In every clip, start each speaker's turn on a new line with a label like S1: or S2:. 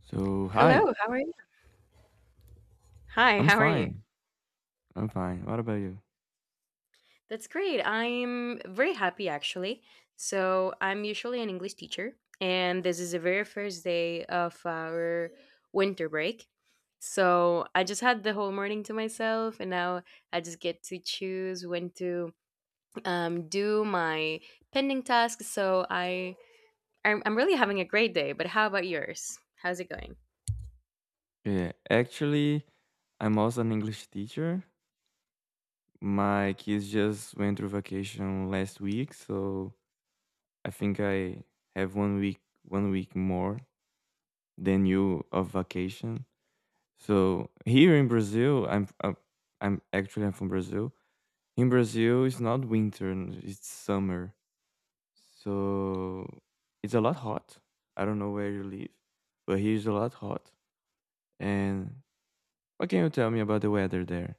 S1: So, hi.
S2: Hello, how are you? Hi,
S1: I'm
S2: how are you?
S1: fine. I'm fine. What about you?
S2: That's great. I'm very happy actually. So, I'm usually an English teacher, and this is the very first day of our winter break. So, I just had the whole morning to myself, and now I just get to choose when to do my pending tasks. So, I'm really having a great day. But how about yours? How's it going?
S1: Yeah, actually, I'm also an English teacher. My kids just went through vacation last week, so I have 1 week 1 week more than you of vacation. So here in Brazil, I'm from Brazil. In Brazil, it's not winter; it's summer. So it's a lot hot. I don't know where you live, but here's a lot hot. And what can you tell me about the weather there?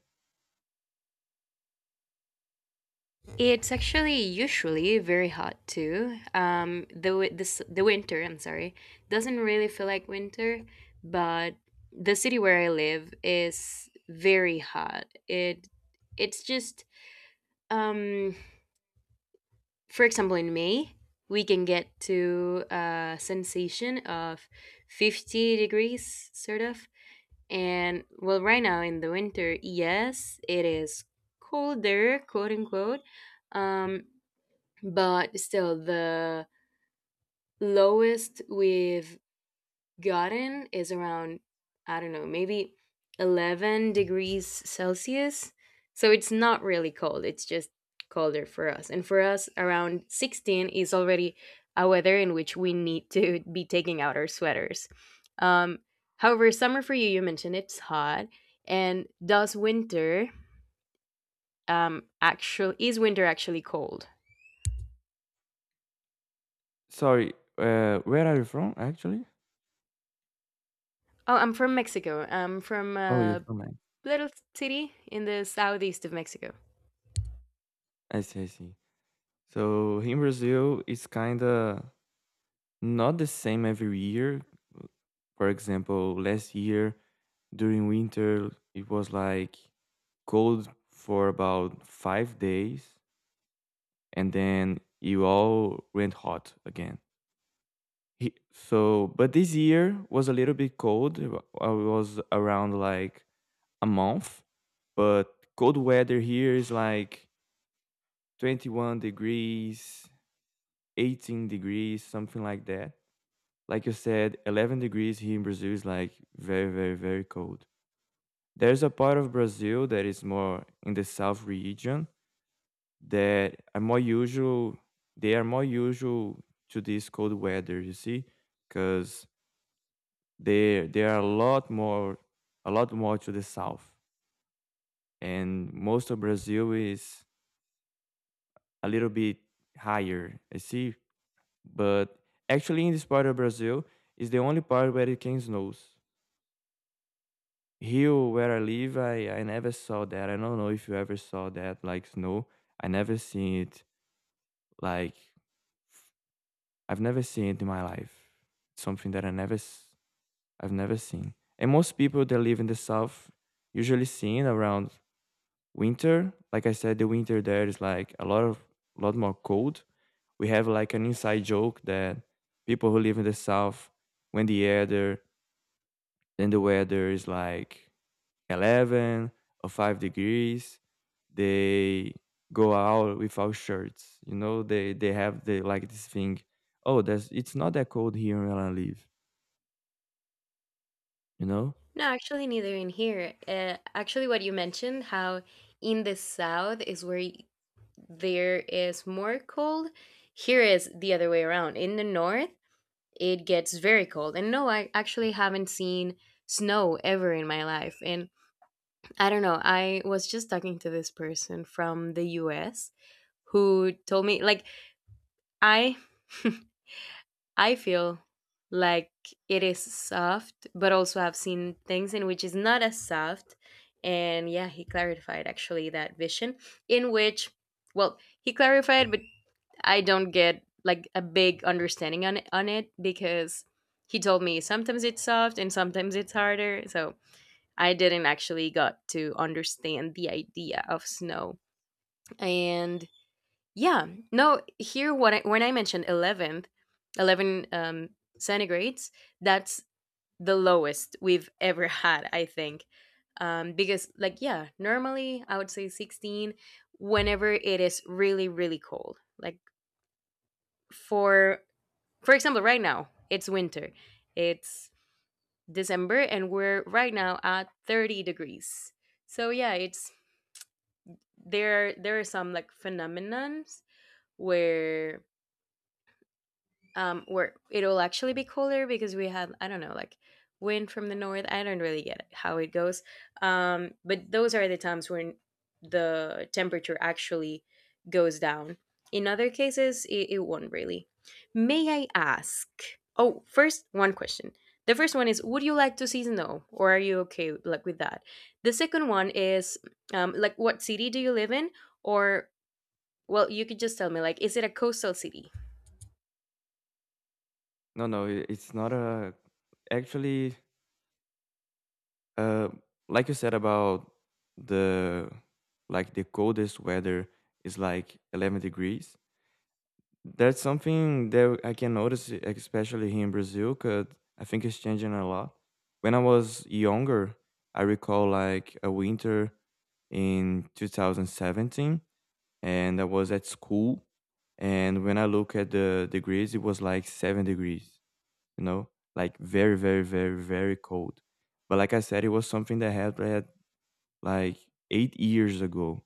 S2: It's actually usually very hot too. This the winter, I'm sorry, doesn't really feel like winter, but the city where I live is very hot. It's just um, for example, in May we can get to a sensation of 50 degrees sort of. And well, right now in the winter, yes, it is colder, quote unquote, um but still the lowest we've gotten is around, I don't know, maybe 11 degrees celsius. So it's not really cold, it's just colder for us. And for us, around 16 is already a weather in which we need to be taking out our sweaters. um, however, summer for you, you mentioned it's hot, and does winter actually, is winter actually cold?
S1: Sorry, where are you from actually?
S2: Oh, I'm from Mexico. I'm from
S1: Oh, you're from Mexico.
S2: little city in the southeast of Mexico.
S1: I see, I see. So in Brazil, it's kind of not the same every year. For example, last year during winter, it was like cold for about 5 days, and then you all went hot again. So, but this year was a little bit cold. I was around like a month, but cold weather here is like 21 degrees, 18 degrees, something like that. Like you said, 11 degrees here in Brazil is like very, very, very cold. There's a part of Brazil that is more in the south region that are more usual, they are more usual to this cold weather, you see, because they are a lot more to the south and most of Brazil is a little bit higher, I see. But actually, in this part of Brazil, is the only part where it can snows. Here, where I live, I never saw that. I don't know if you ever saw that, like snow. I never seen it. Like I've never seen it in my life. It's something that I've never seen. And most people that live in the south usually seen around winter. Like I said, the winter there is like a lot of, lot more cold. We have like an inside joke that people who live in the south, when the weather is like 11 or 5 degrees, they go out without shirts. You know, they have the like this thing, oh, there's it's not that cold here where I live, you know
S2: No, actually, neither in here. Actually, what you mentioned, how in the south is there is more cold, here is the other way around. In the north, it gets very cold. And no, I actually haven't seen snow ever in my life. And I don't know, I was just talking to this person from the US who told me, like, I. I feel like it is soft, but also I've seen things in which is not as soft. And yeah, he clarified actually that vision in which, well, he clarified, but I don't get like a big understanding on it because he told me sometimes it's soft and sometimes it's harder. So I didn't actually got to understand the idea of snow. And yeah. No, here what I, when I mentioned 11th, 11 centigrades, that's the lowest we've ever had, I think. Because, like, yeah, normally I would say 16 whenever it is really, really cold. Like, for for example, right now, it's winter. It's December and we're right now at 30 degrees. So yeah, it's there are some like phenomenons where where it'll actually be cooler because we have, I don't know, like wind from the north. I don't really get how it goes. But those are the times when the temperature actually goes down. In other cases, it won't really. May I ask? Oh, first, one question. The first one is, would you like to see snow, or are you okay like with that? The second one is, like, what city do you live in? Or, well, you could just tell me, like, is it a coastal city?
S1: no, no, it's not a actually. Uh, like you said about the like the coldest weather is like 11 degrees. That's something that I can notice, especially here in Brazil, because I think it's changing a lot. When I was younger, I recall like a winter in 2017, and I was at school. And when I look at the degrees, it was like 7 degrees, you know, like very, very, very, very cold. But like I said, it was something that had like 8 years ago.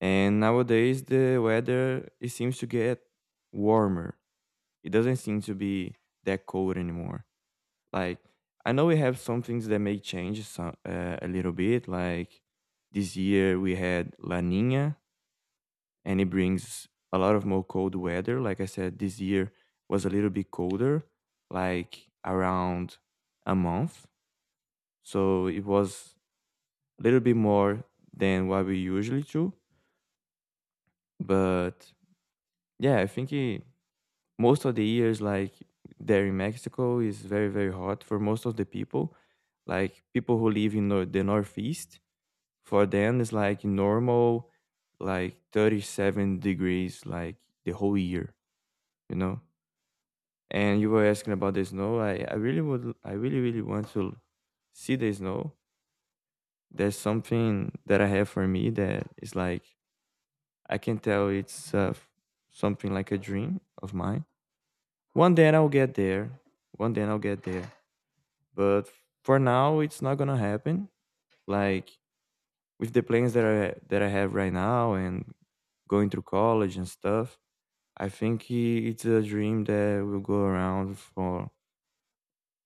S1: And nowadays, the weather it seems to get warmer. It doesn't seem to be that cold anymore. Like I know we have some things that may change some, a little bit. Like this year we had La Nina, and it brings a lot of more cold weather. Like I said, this year was a little bit colder, like around a month. So it was a little bit more than what we usually do. But yeah, most of the years, like there in Mexico, is very, very hot for most of the people. Like people who live in the Northeast, for them, it's like normal, like 37 degrees, like the whole year, you know? And you were asking about the snow. I really would, I really, really want to see the snow. There's something that I have for me that is like, I can tell it's something like a dream of mine. One day I'll get there. One day I'll get there. But for now, it's not gonna happen. Like with the plans that I have right now and going through college and stuff, I think it's a dream that will go around for.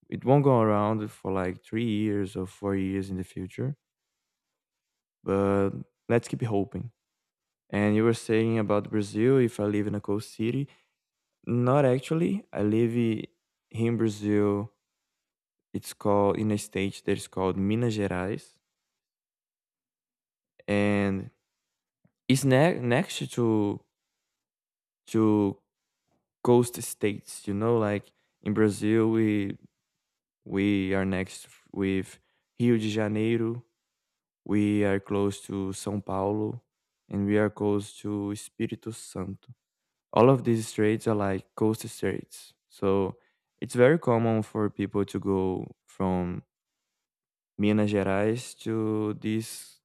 S1: It won't go around for like 3 years or 4 years in the future. But let's keep hoping. And you were saying about Brazil. If I live in a coast city, not actually. Here in Brazil, it's called in a state that is called Minas Gerais, and next to to coast states. You know, like in Brazil, we are next with Rio de Janeiro. We are close to São Paulo, and we are close to Espírito Santo. All of these straits are like coast straits, so it's very common for people to go from Minas Gerais to these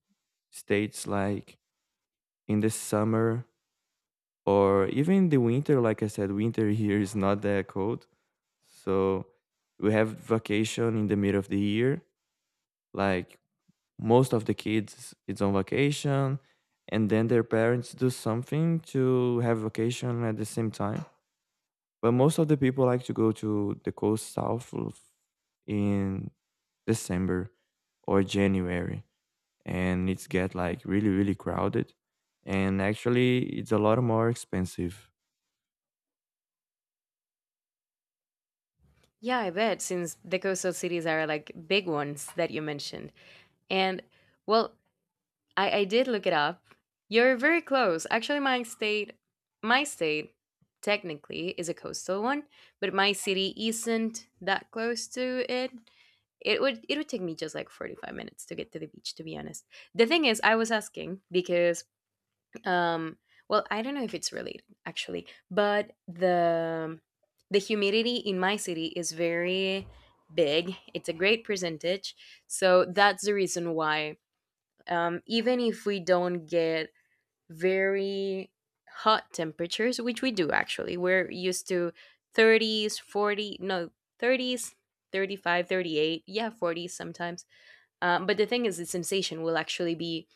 S1: states like in the summer or even in the winter. Like I said, winter here is not that cold, so we have vacation in the middle of the year. Like most of the kids it's on vacation, and then their parents do something to have vacation at the same time. But most of the people like to go to the coast in December or January, and it's get like really, really crowded, and actually it's a lot more expensive.
S2: Yeah, I bet, since the coastal cities are like big ones that you mentioned. And well, I did look it up. You're very close. Actually, my state technically is a coastal one, but my city isn't that close to it. It would take me just like 45 minutes to get to the beach, to be honest. The thing is, I was asking because um well, I don't know if it's related actually, but the humidity in my city is very big. It's a great percentage. So that's the reason why, even if we don't get very hot temperatures, which we do actually, we're used to 30s, 40, no, 30s, five, 38, yeah, 40s sometimes. But the thing is, the sensation will actually be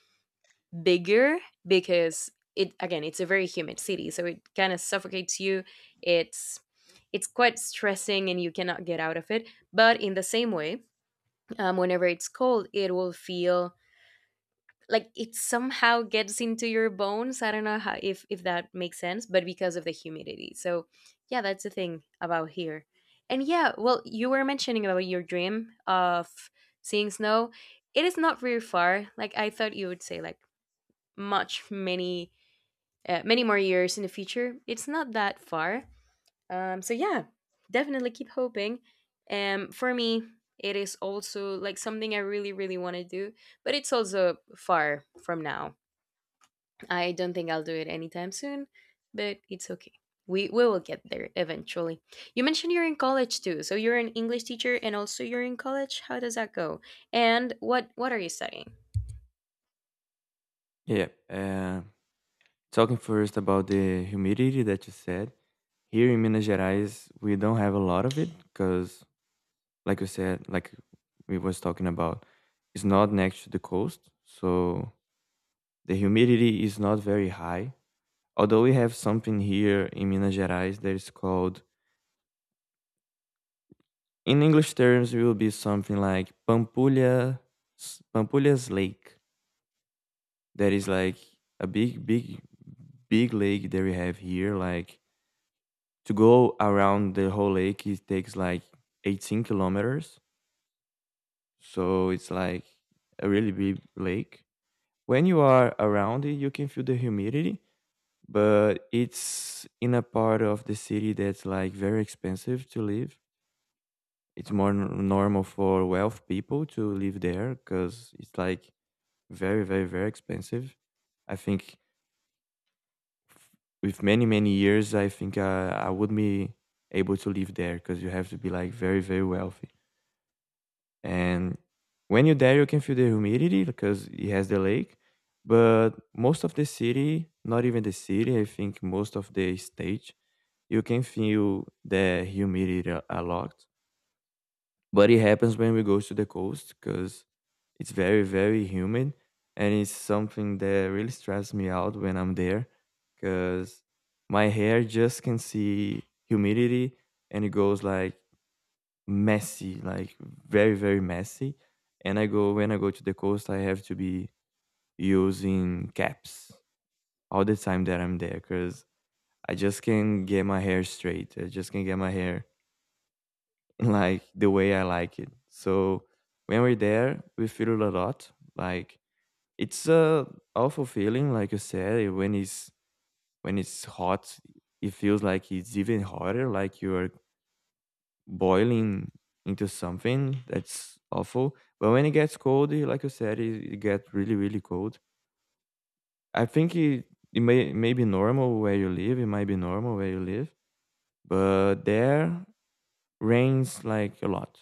S2: bigger, because, it again, it's a very humid city, so it kind of suffocates you. It's it's quite stressing and you cannot get out of it. But in the same way, whenever it's cold, it will feel like it somehow gets into your bones. I don't know how, if that makes sense, but because of the humidity. So yeah, that's the thing about here. And yeah, well, you were mentioning about your dream of seeing snow. It is not very far, like, I thought you would say like much many many more years in the future. It's not that far. So yeah, definitely keep hoping. For me, it is also like something I really, really want to do, but it's also far from now. I don't think I'll do it anytime soon, but it's okay. We will get there eventually. You mentioned you're in college too, so you're an English teacher and also you're in college. How does that go? And what are you studying?
S1: Yeah, talking first about the humidity that you said, here in Minas Gerais we don't have a lot of it because, like you said, like we was talking about, it's not next to the coast, so the humidity is not very high. Although we have something here in Minas Gerais that is called in English terms, it will be something like Pampulha, Pampulha's Lake. That is like a big big lake that we have here. Like to go around the whole lake it takes like 18 kilometers, so it's like a really big lake. When you are around it you can feel the humidity, but it's in a part of the city that's like very expensive to live. It's more normal for wealth people to live there because it's like very, very, very expensive. I think with many, many years, I would be able to live there because you have to be like very, very wealthy. And when you're there you can feel the humidity because it has the lake. But most of the city, not even the city, I think most of the state, you can feel the humidity a lot. But it happens when we go to the coast because it's very, very humid, and it's something that really stresses me out when I'm there, because my hair just can see humidity and it goes like messy, like very, very messy. And i go when I go to the coast I have to be using caps all the time that I'm there, because I just can't get my hair straight, I just can't get my hair like the way I like it. So when we're there, we feel it a lot. Like it's a awful feeling. Like you said, when it's hot, it feels like it's even hotter, like you're boiling into something. That's awful. But when it gets cold, eh, like you said, it gets really, really cold. I think it, may be normal where you live. It might be normal where you live, but there rains like a lot.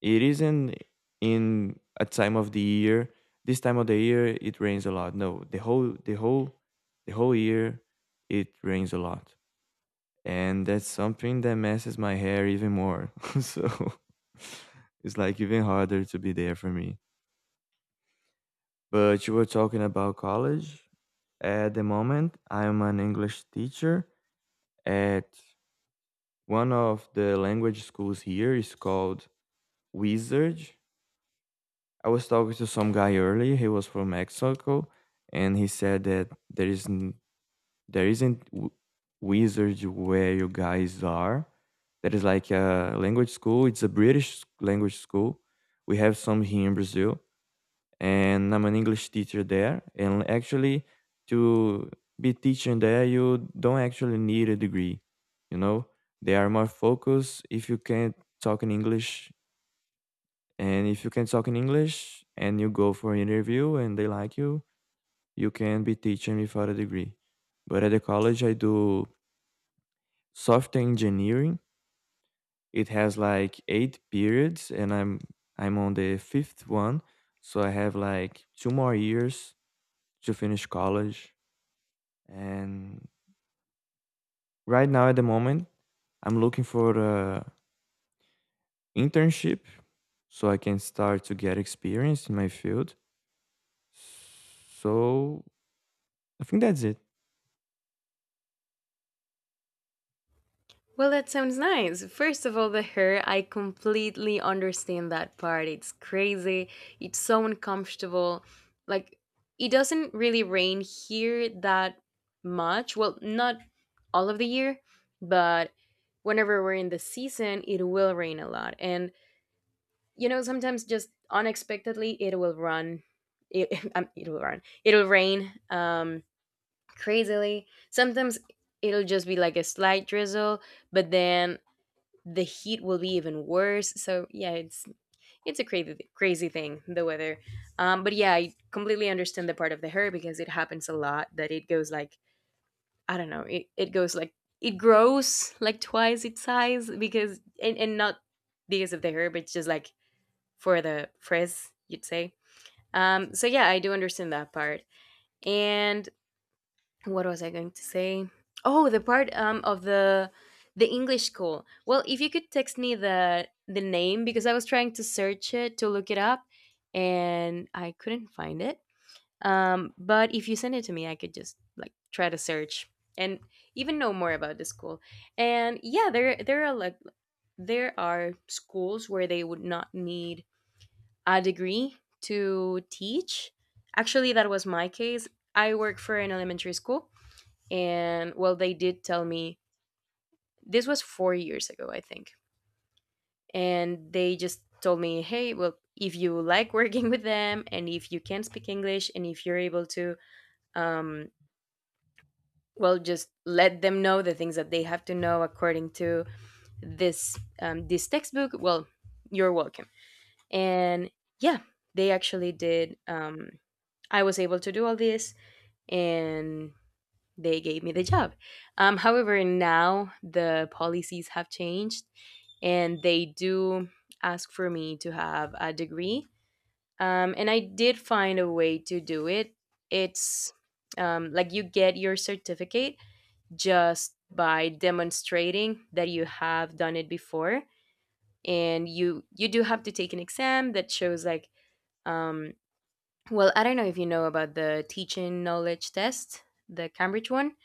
S1: It isn't in a time of the year. This time of the year it rains a lot. No, the whole the whole year it rains a lot. And that's something that messes my hair even more. So it's like even harder to be there for me. But you were talking about college. At the moment, I'm an English teacher at one of the language schools here. It's called Wizard. I was talking to some guy earlier. He was from Mexico, and he said that there isn't w- wizards where you guys are. That is like a language school. It's a British language school. We have some here in Brazil, and I'm an English teacher there. And actually, to be teaching there, you don't actually need a degree. You know, they are more focused if you can talk in English, and if you can talk in English and you go for an interview and they like you can be teaching without a degree. But at the college, I do software engineering. It has like eight periods, and I'm on the fifth one, so I have like two more years to finish college. And right now, at the moment, I'm looking for a internship so I can start to get experience in my field. So I think that's it.
S2: Well, that sounds nice. First of all, the hair, I completely understand that part. It's crazy. It's so uncomfortable. Like, it doesn't really rain here that much. Well, not all of the year, but whenever we're in the season, it will rain a lot. And, you know, sometimes just unexpectedly, it will run. It will run. It'll rain crazily. Sometimes it'll just be like a slight drizzle, but then the heat will be even worse. So yeah, it's a crazy crazy thing, the weather. But yeah, I completely understand the part of the hair because it happens a lot that it goes like, I don't know, it goes like it grows like twice its size because, and not because of the hair, but just like for the frizz you'd say. So yeah, I do understand that part. And what was I going to say? Oh, the part of the English school. Well, if you could text me the name, because I was trying to search it to look it up and I couldn't find it. But if you send it to me, I could just like try to search and even know more about the school. And yeah, there are like there are schools where they would not need a degree to teach. Actually, that was my case. I work for an elementary school, and well, they did tell me, this was 4 years ago, I think. And they just told me, hey, well, if you like working with them, and if you can speak English, and if you're able to, um, well, just let them know the things that they have to know according to this this textbook. Well, you're welcome. And yeah, they actually did. I was able to do all this, and they gave me the job. However, now the policies have changed and they do ask for me to have a degree. And I did find a way to do it. It's like, you get your certificate just by demonstrating that you have done it before. And you do have to take an exam that shows like, um, well, I don't know if you know about the teaching knowledge test, the Cambridge one.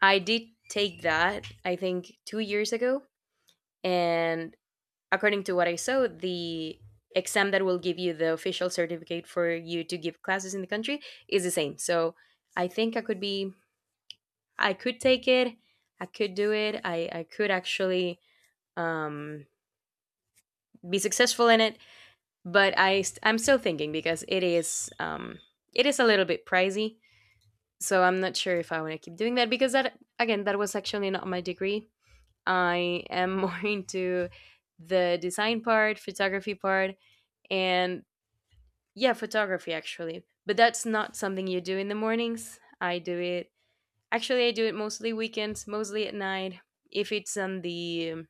S2: I did take that, I think, 2 years ago. And according to what I saw, the exam that will give you the official certificate for you to give classes in the country is the same. So I think I could be, I could take it, I could do it, I could actually um, be successful in it. But I'm still thinking because it is a little bit pricey. So I'm not sure if I want to keep doing that, because that, again, that was actually not my degree. I am more into the design part, photography part, and yeah, photography actually. But that's not something you do in the mornings. I do it actually. I do it mostly weekends, mostly at night. If it's on the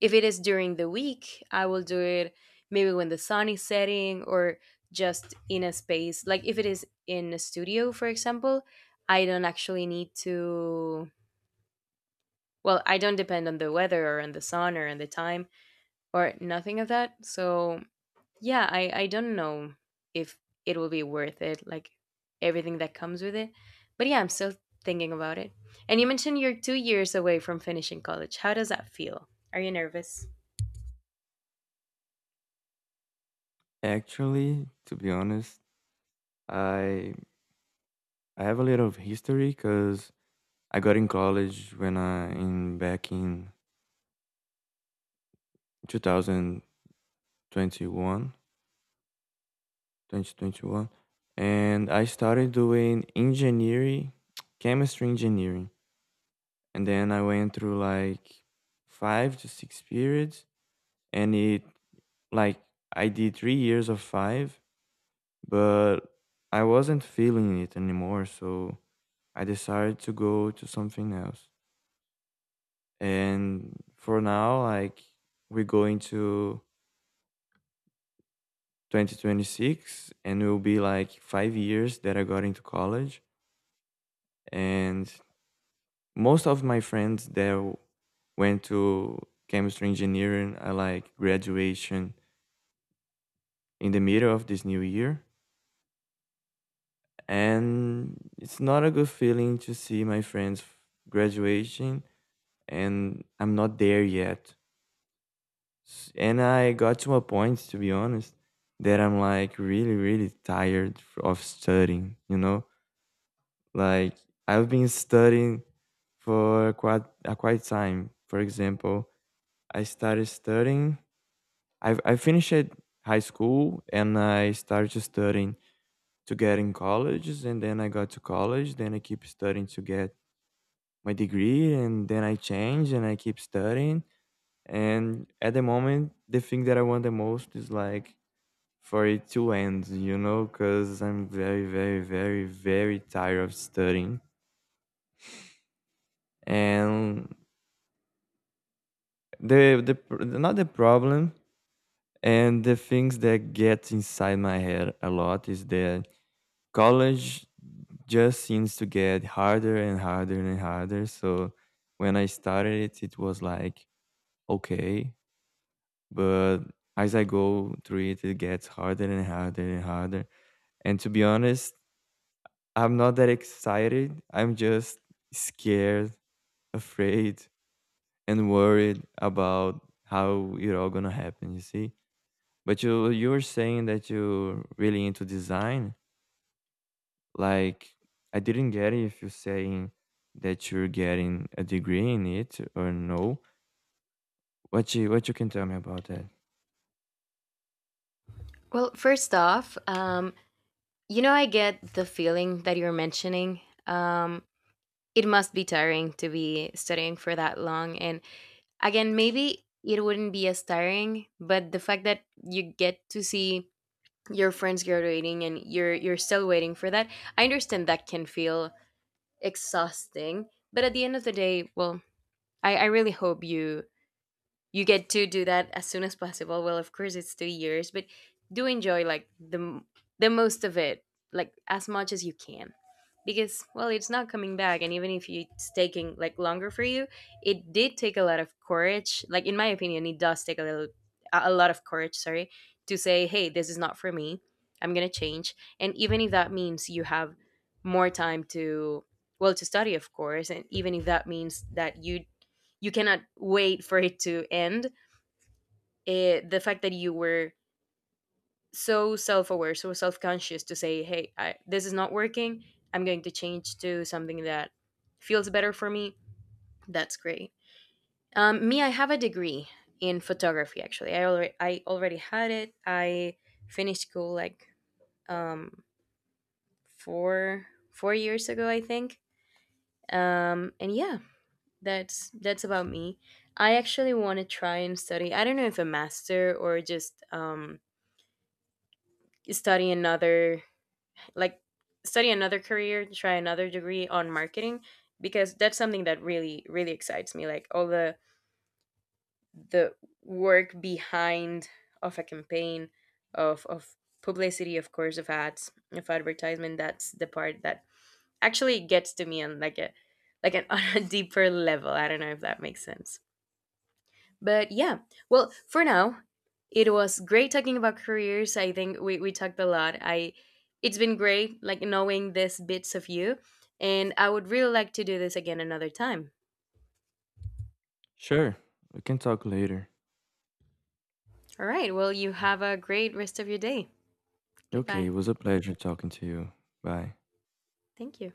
S2: if it is during the week, I will do it maybe when the sun is setting, or just in a space. Like if it is in a studio, for example, I don't actually need to. Well, I don't depend on the weather or on the sun or on the time or nothing of that. So yeah, I don't know if it will be worth it, like, everything that comes with it. But yeah, I'm still thinking about it. And you mentioned you're 2 years away from finishing college. How does that feel? Are you nervous?
S1: Actually, to be honest, I I have a little of history, because I got in college when I in back in two thousand twenty one, 2021, and I started doing engineering, chemistry engineering, and then I went through like five to six periods, and it like I did 3 years of five, but I wasn't feeling it anymore, so I decided to go to something else. And for now, like we go into 2026 and it will be like 5 years that I got into college. And most of my friends that went to chemistry engineering are like graduation in the middle of this new year. And it's not a good feeling to see my friends graduation and I'm not there yet. And I got to a point, to be honest, that I'm like really, really tired of studying, you know? Like, I've been studying for quite a quite time. For example, I started studying, I finished high school and I started studying to get in colleges. And then I got to college, then I keep studying to get my degree. And then I change and I keep studying. And at the moment, the thing that I want the most is like for it to end, you know, because I'm very, very, very, very tired of studying. And the not the problem and the things that get inside my head a lot is that college just seems to get harder and harder and harder. So when I started it, it was like okay, but as I go through it, it gets harder and harder and harder. And to be honest, I'm not that excited. I'm just scared, afraid, and worried about how it all gonna happen. You see. But you were saying that you're really into design. Like I didn't get it if you're saying that you're getting a degree in it or no. What you can tell me about that?
S2: Well, first off, you know, I get the feeling that you're mentioning. Um, it must be tiring to be studying for that long. And again, maybe it wouldn't be as tiring, but the fact that you get to see your friends graduating and you're still waiting for that, I understand that can feel exhausting. But at the end of the day, well, I really hope you get to do that as soon as possible. Well, of course, it's 2 years, but do enjoy like the most of it, like as much as you can, because well, it's not coming back, and even if you- it's taking like longer for you, it did take a lot of courage. Like in my opinion, it does take a lot of courage. Sorry, to say, hey, this is not for me. I'm gonna change. And even if that means you have more time to, well, to study, of course, and even if that means that you cannot wait for it to end. The fact that you were so self-aware, so self-conscious to say, "Hey, this is not working. I'm going to change to something that feels better for me." That's great. Me, I have a degree in photography. Actually, I already had it. I finished school like um, four 4 years ago, I think. And yeah, that's about me. I actually want to try and study. I don't know if a master or just study another like study another career, try another degree on marketing, because that's something that really really excites me. Like, all the the work behind of a campaign of publicity, of course, of ads, of advertisement, that's the part that actually gets to me on like a like an on a deeper level. I don't know if that makes sense. But yeah, well, for now, it was great talking about careers. I think we talked a lot. I, it's been great like knowing this bits of you, and I would really like to do this again another time.
S1: Sure, we can talk later.
S2: All right. Well, you have a great rest of your day.
S1: Okay,
S2: Goodbye.
S1: it was a pleasure talking to you. Bye.
S2: Thank you.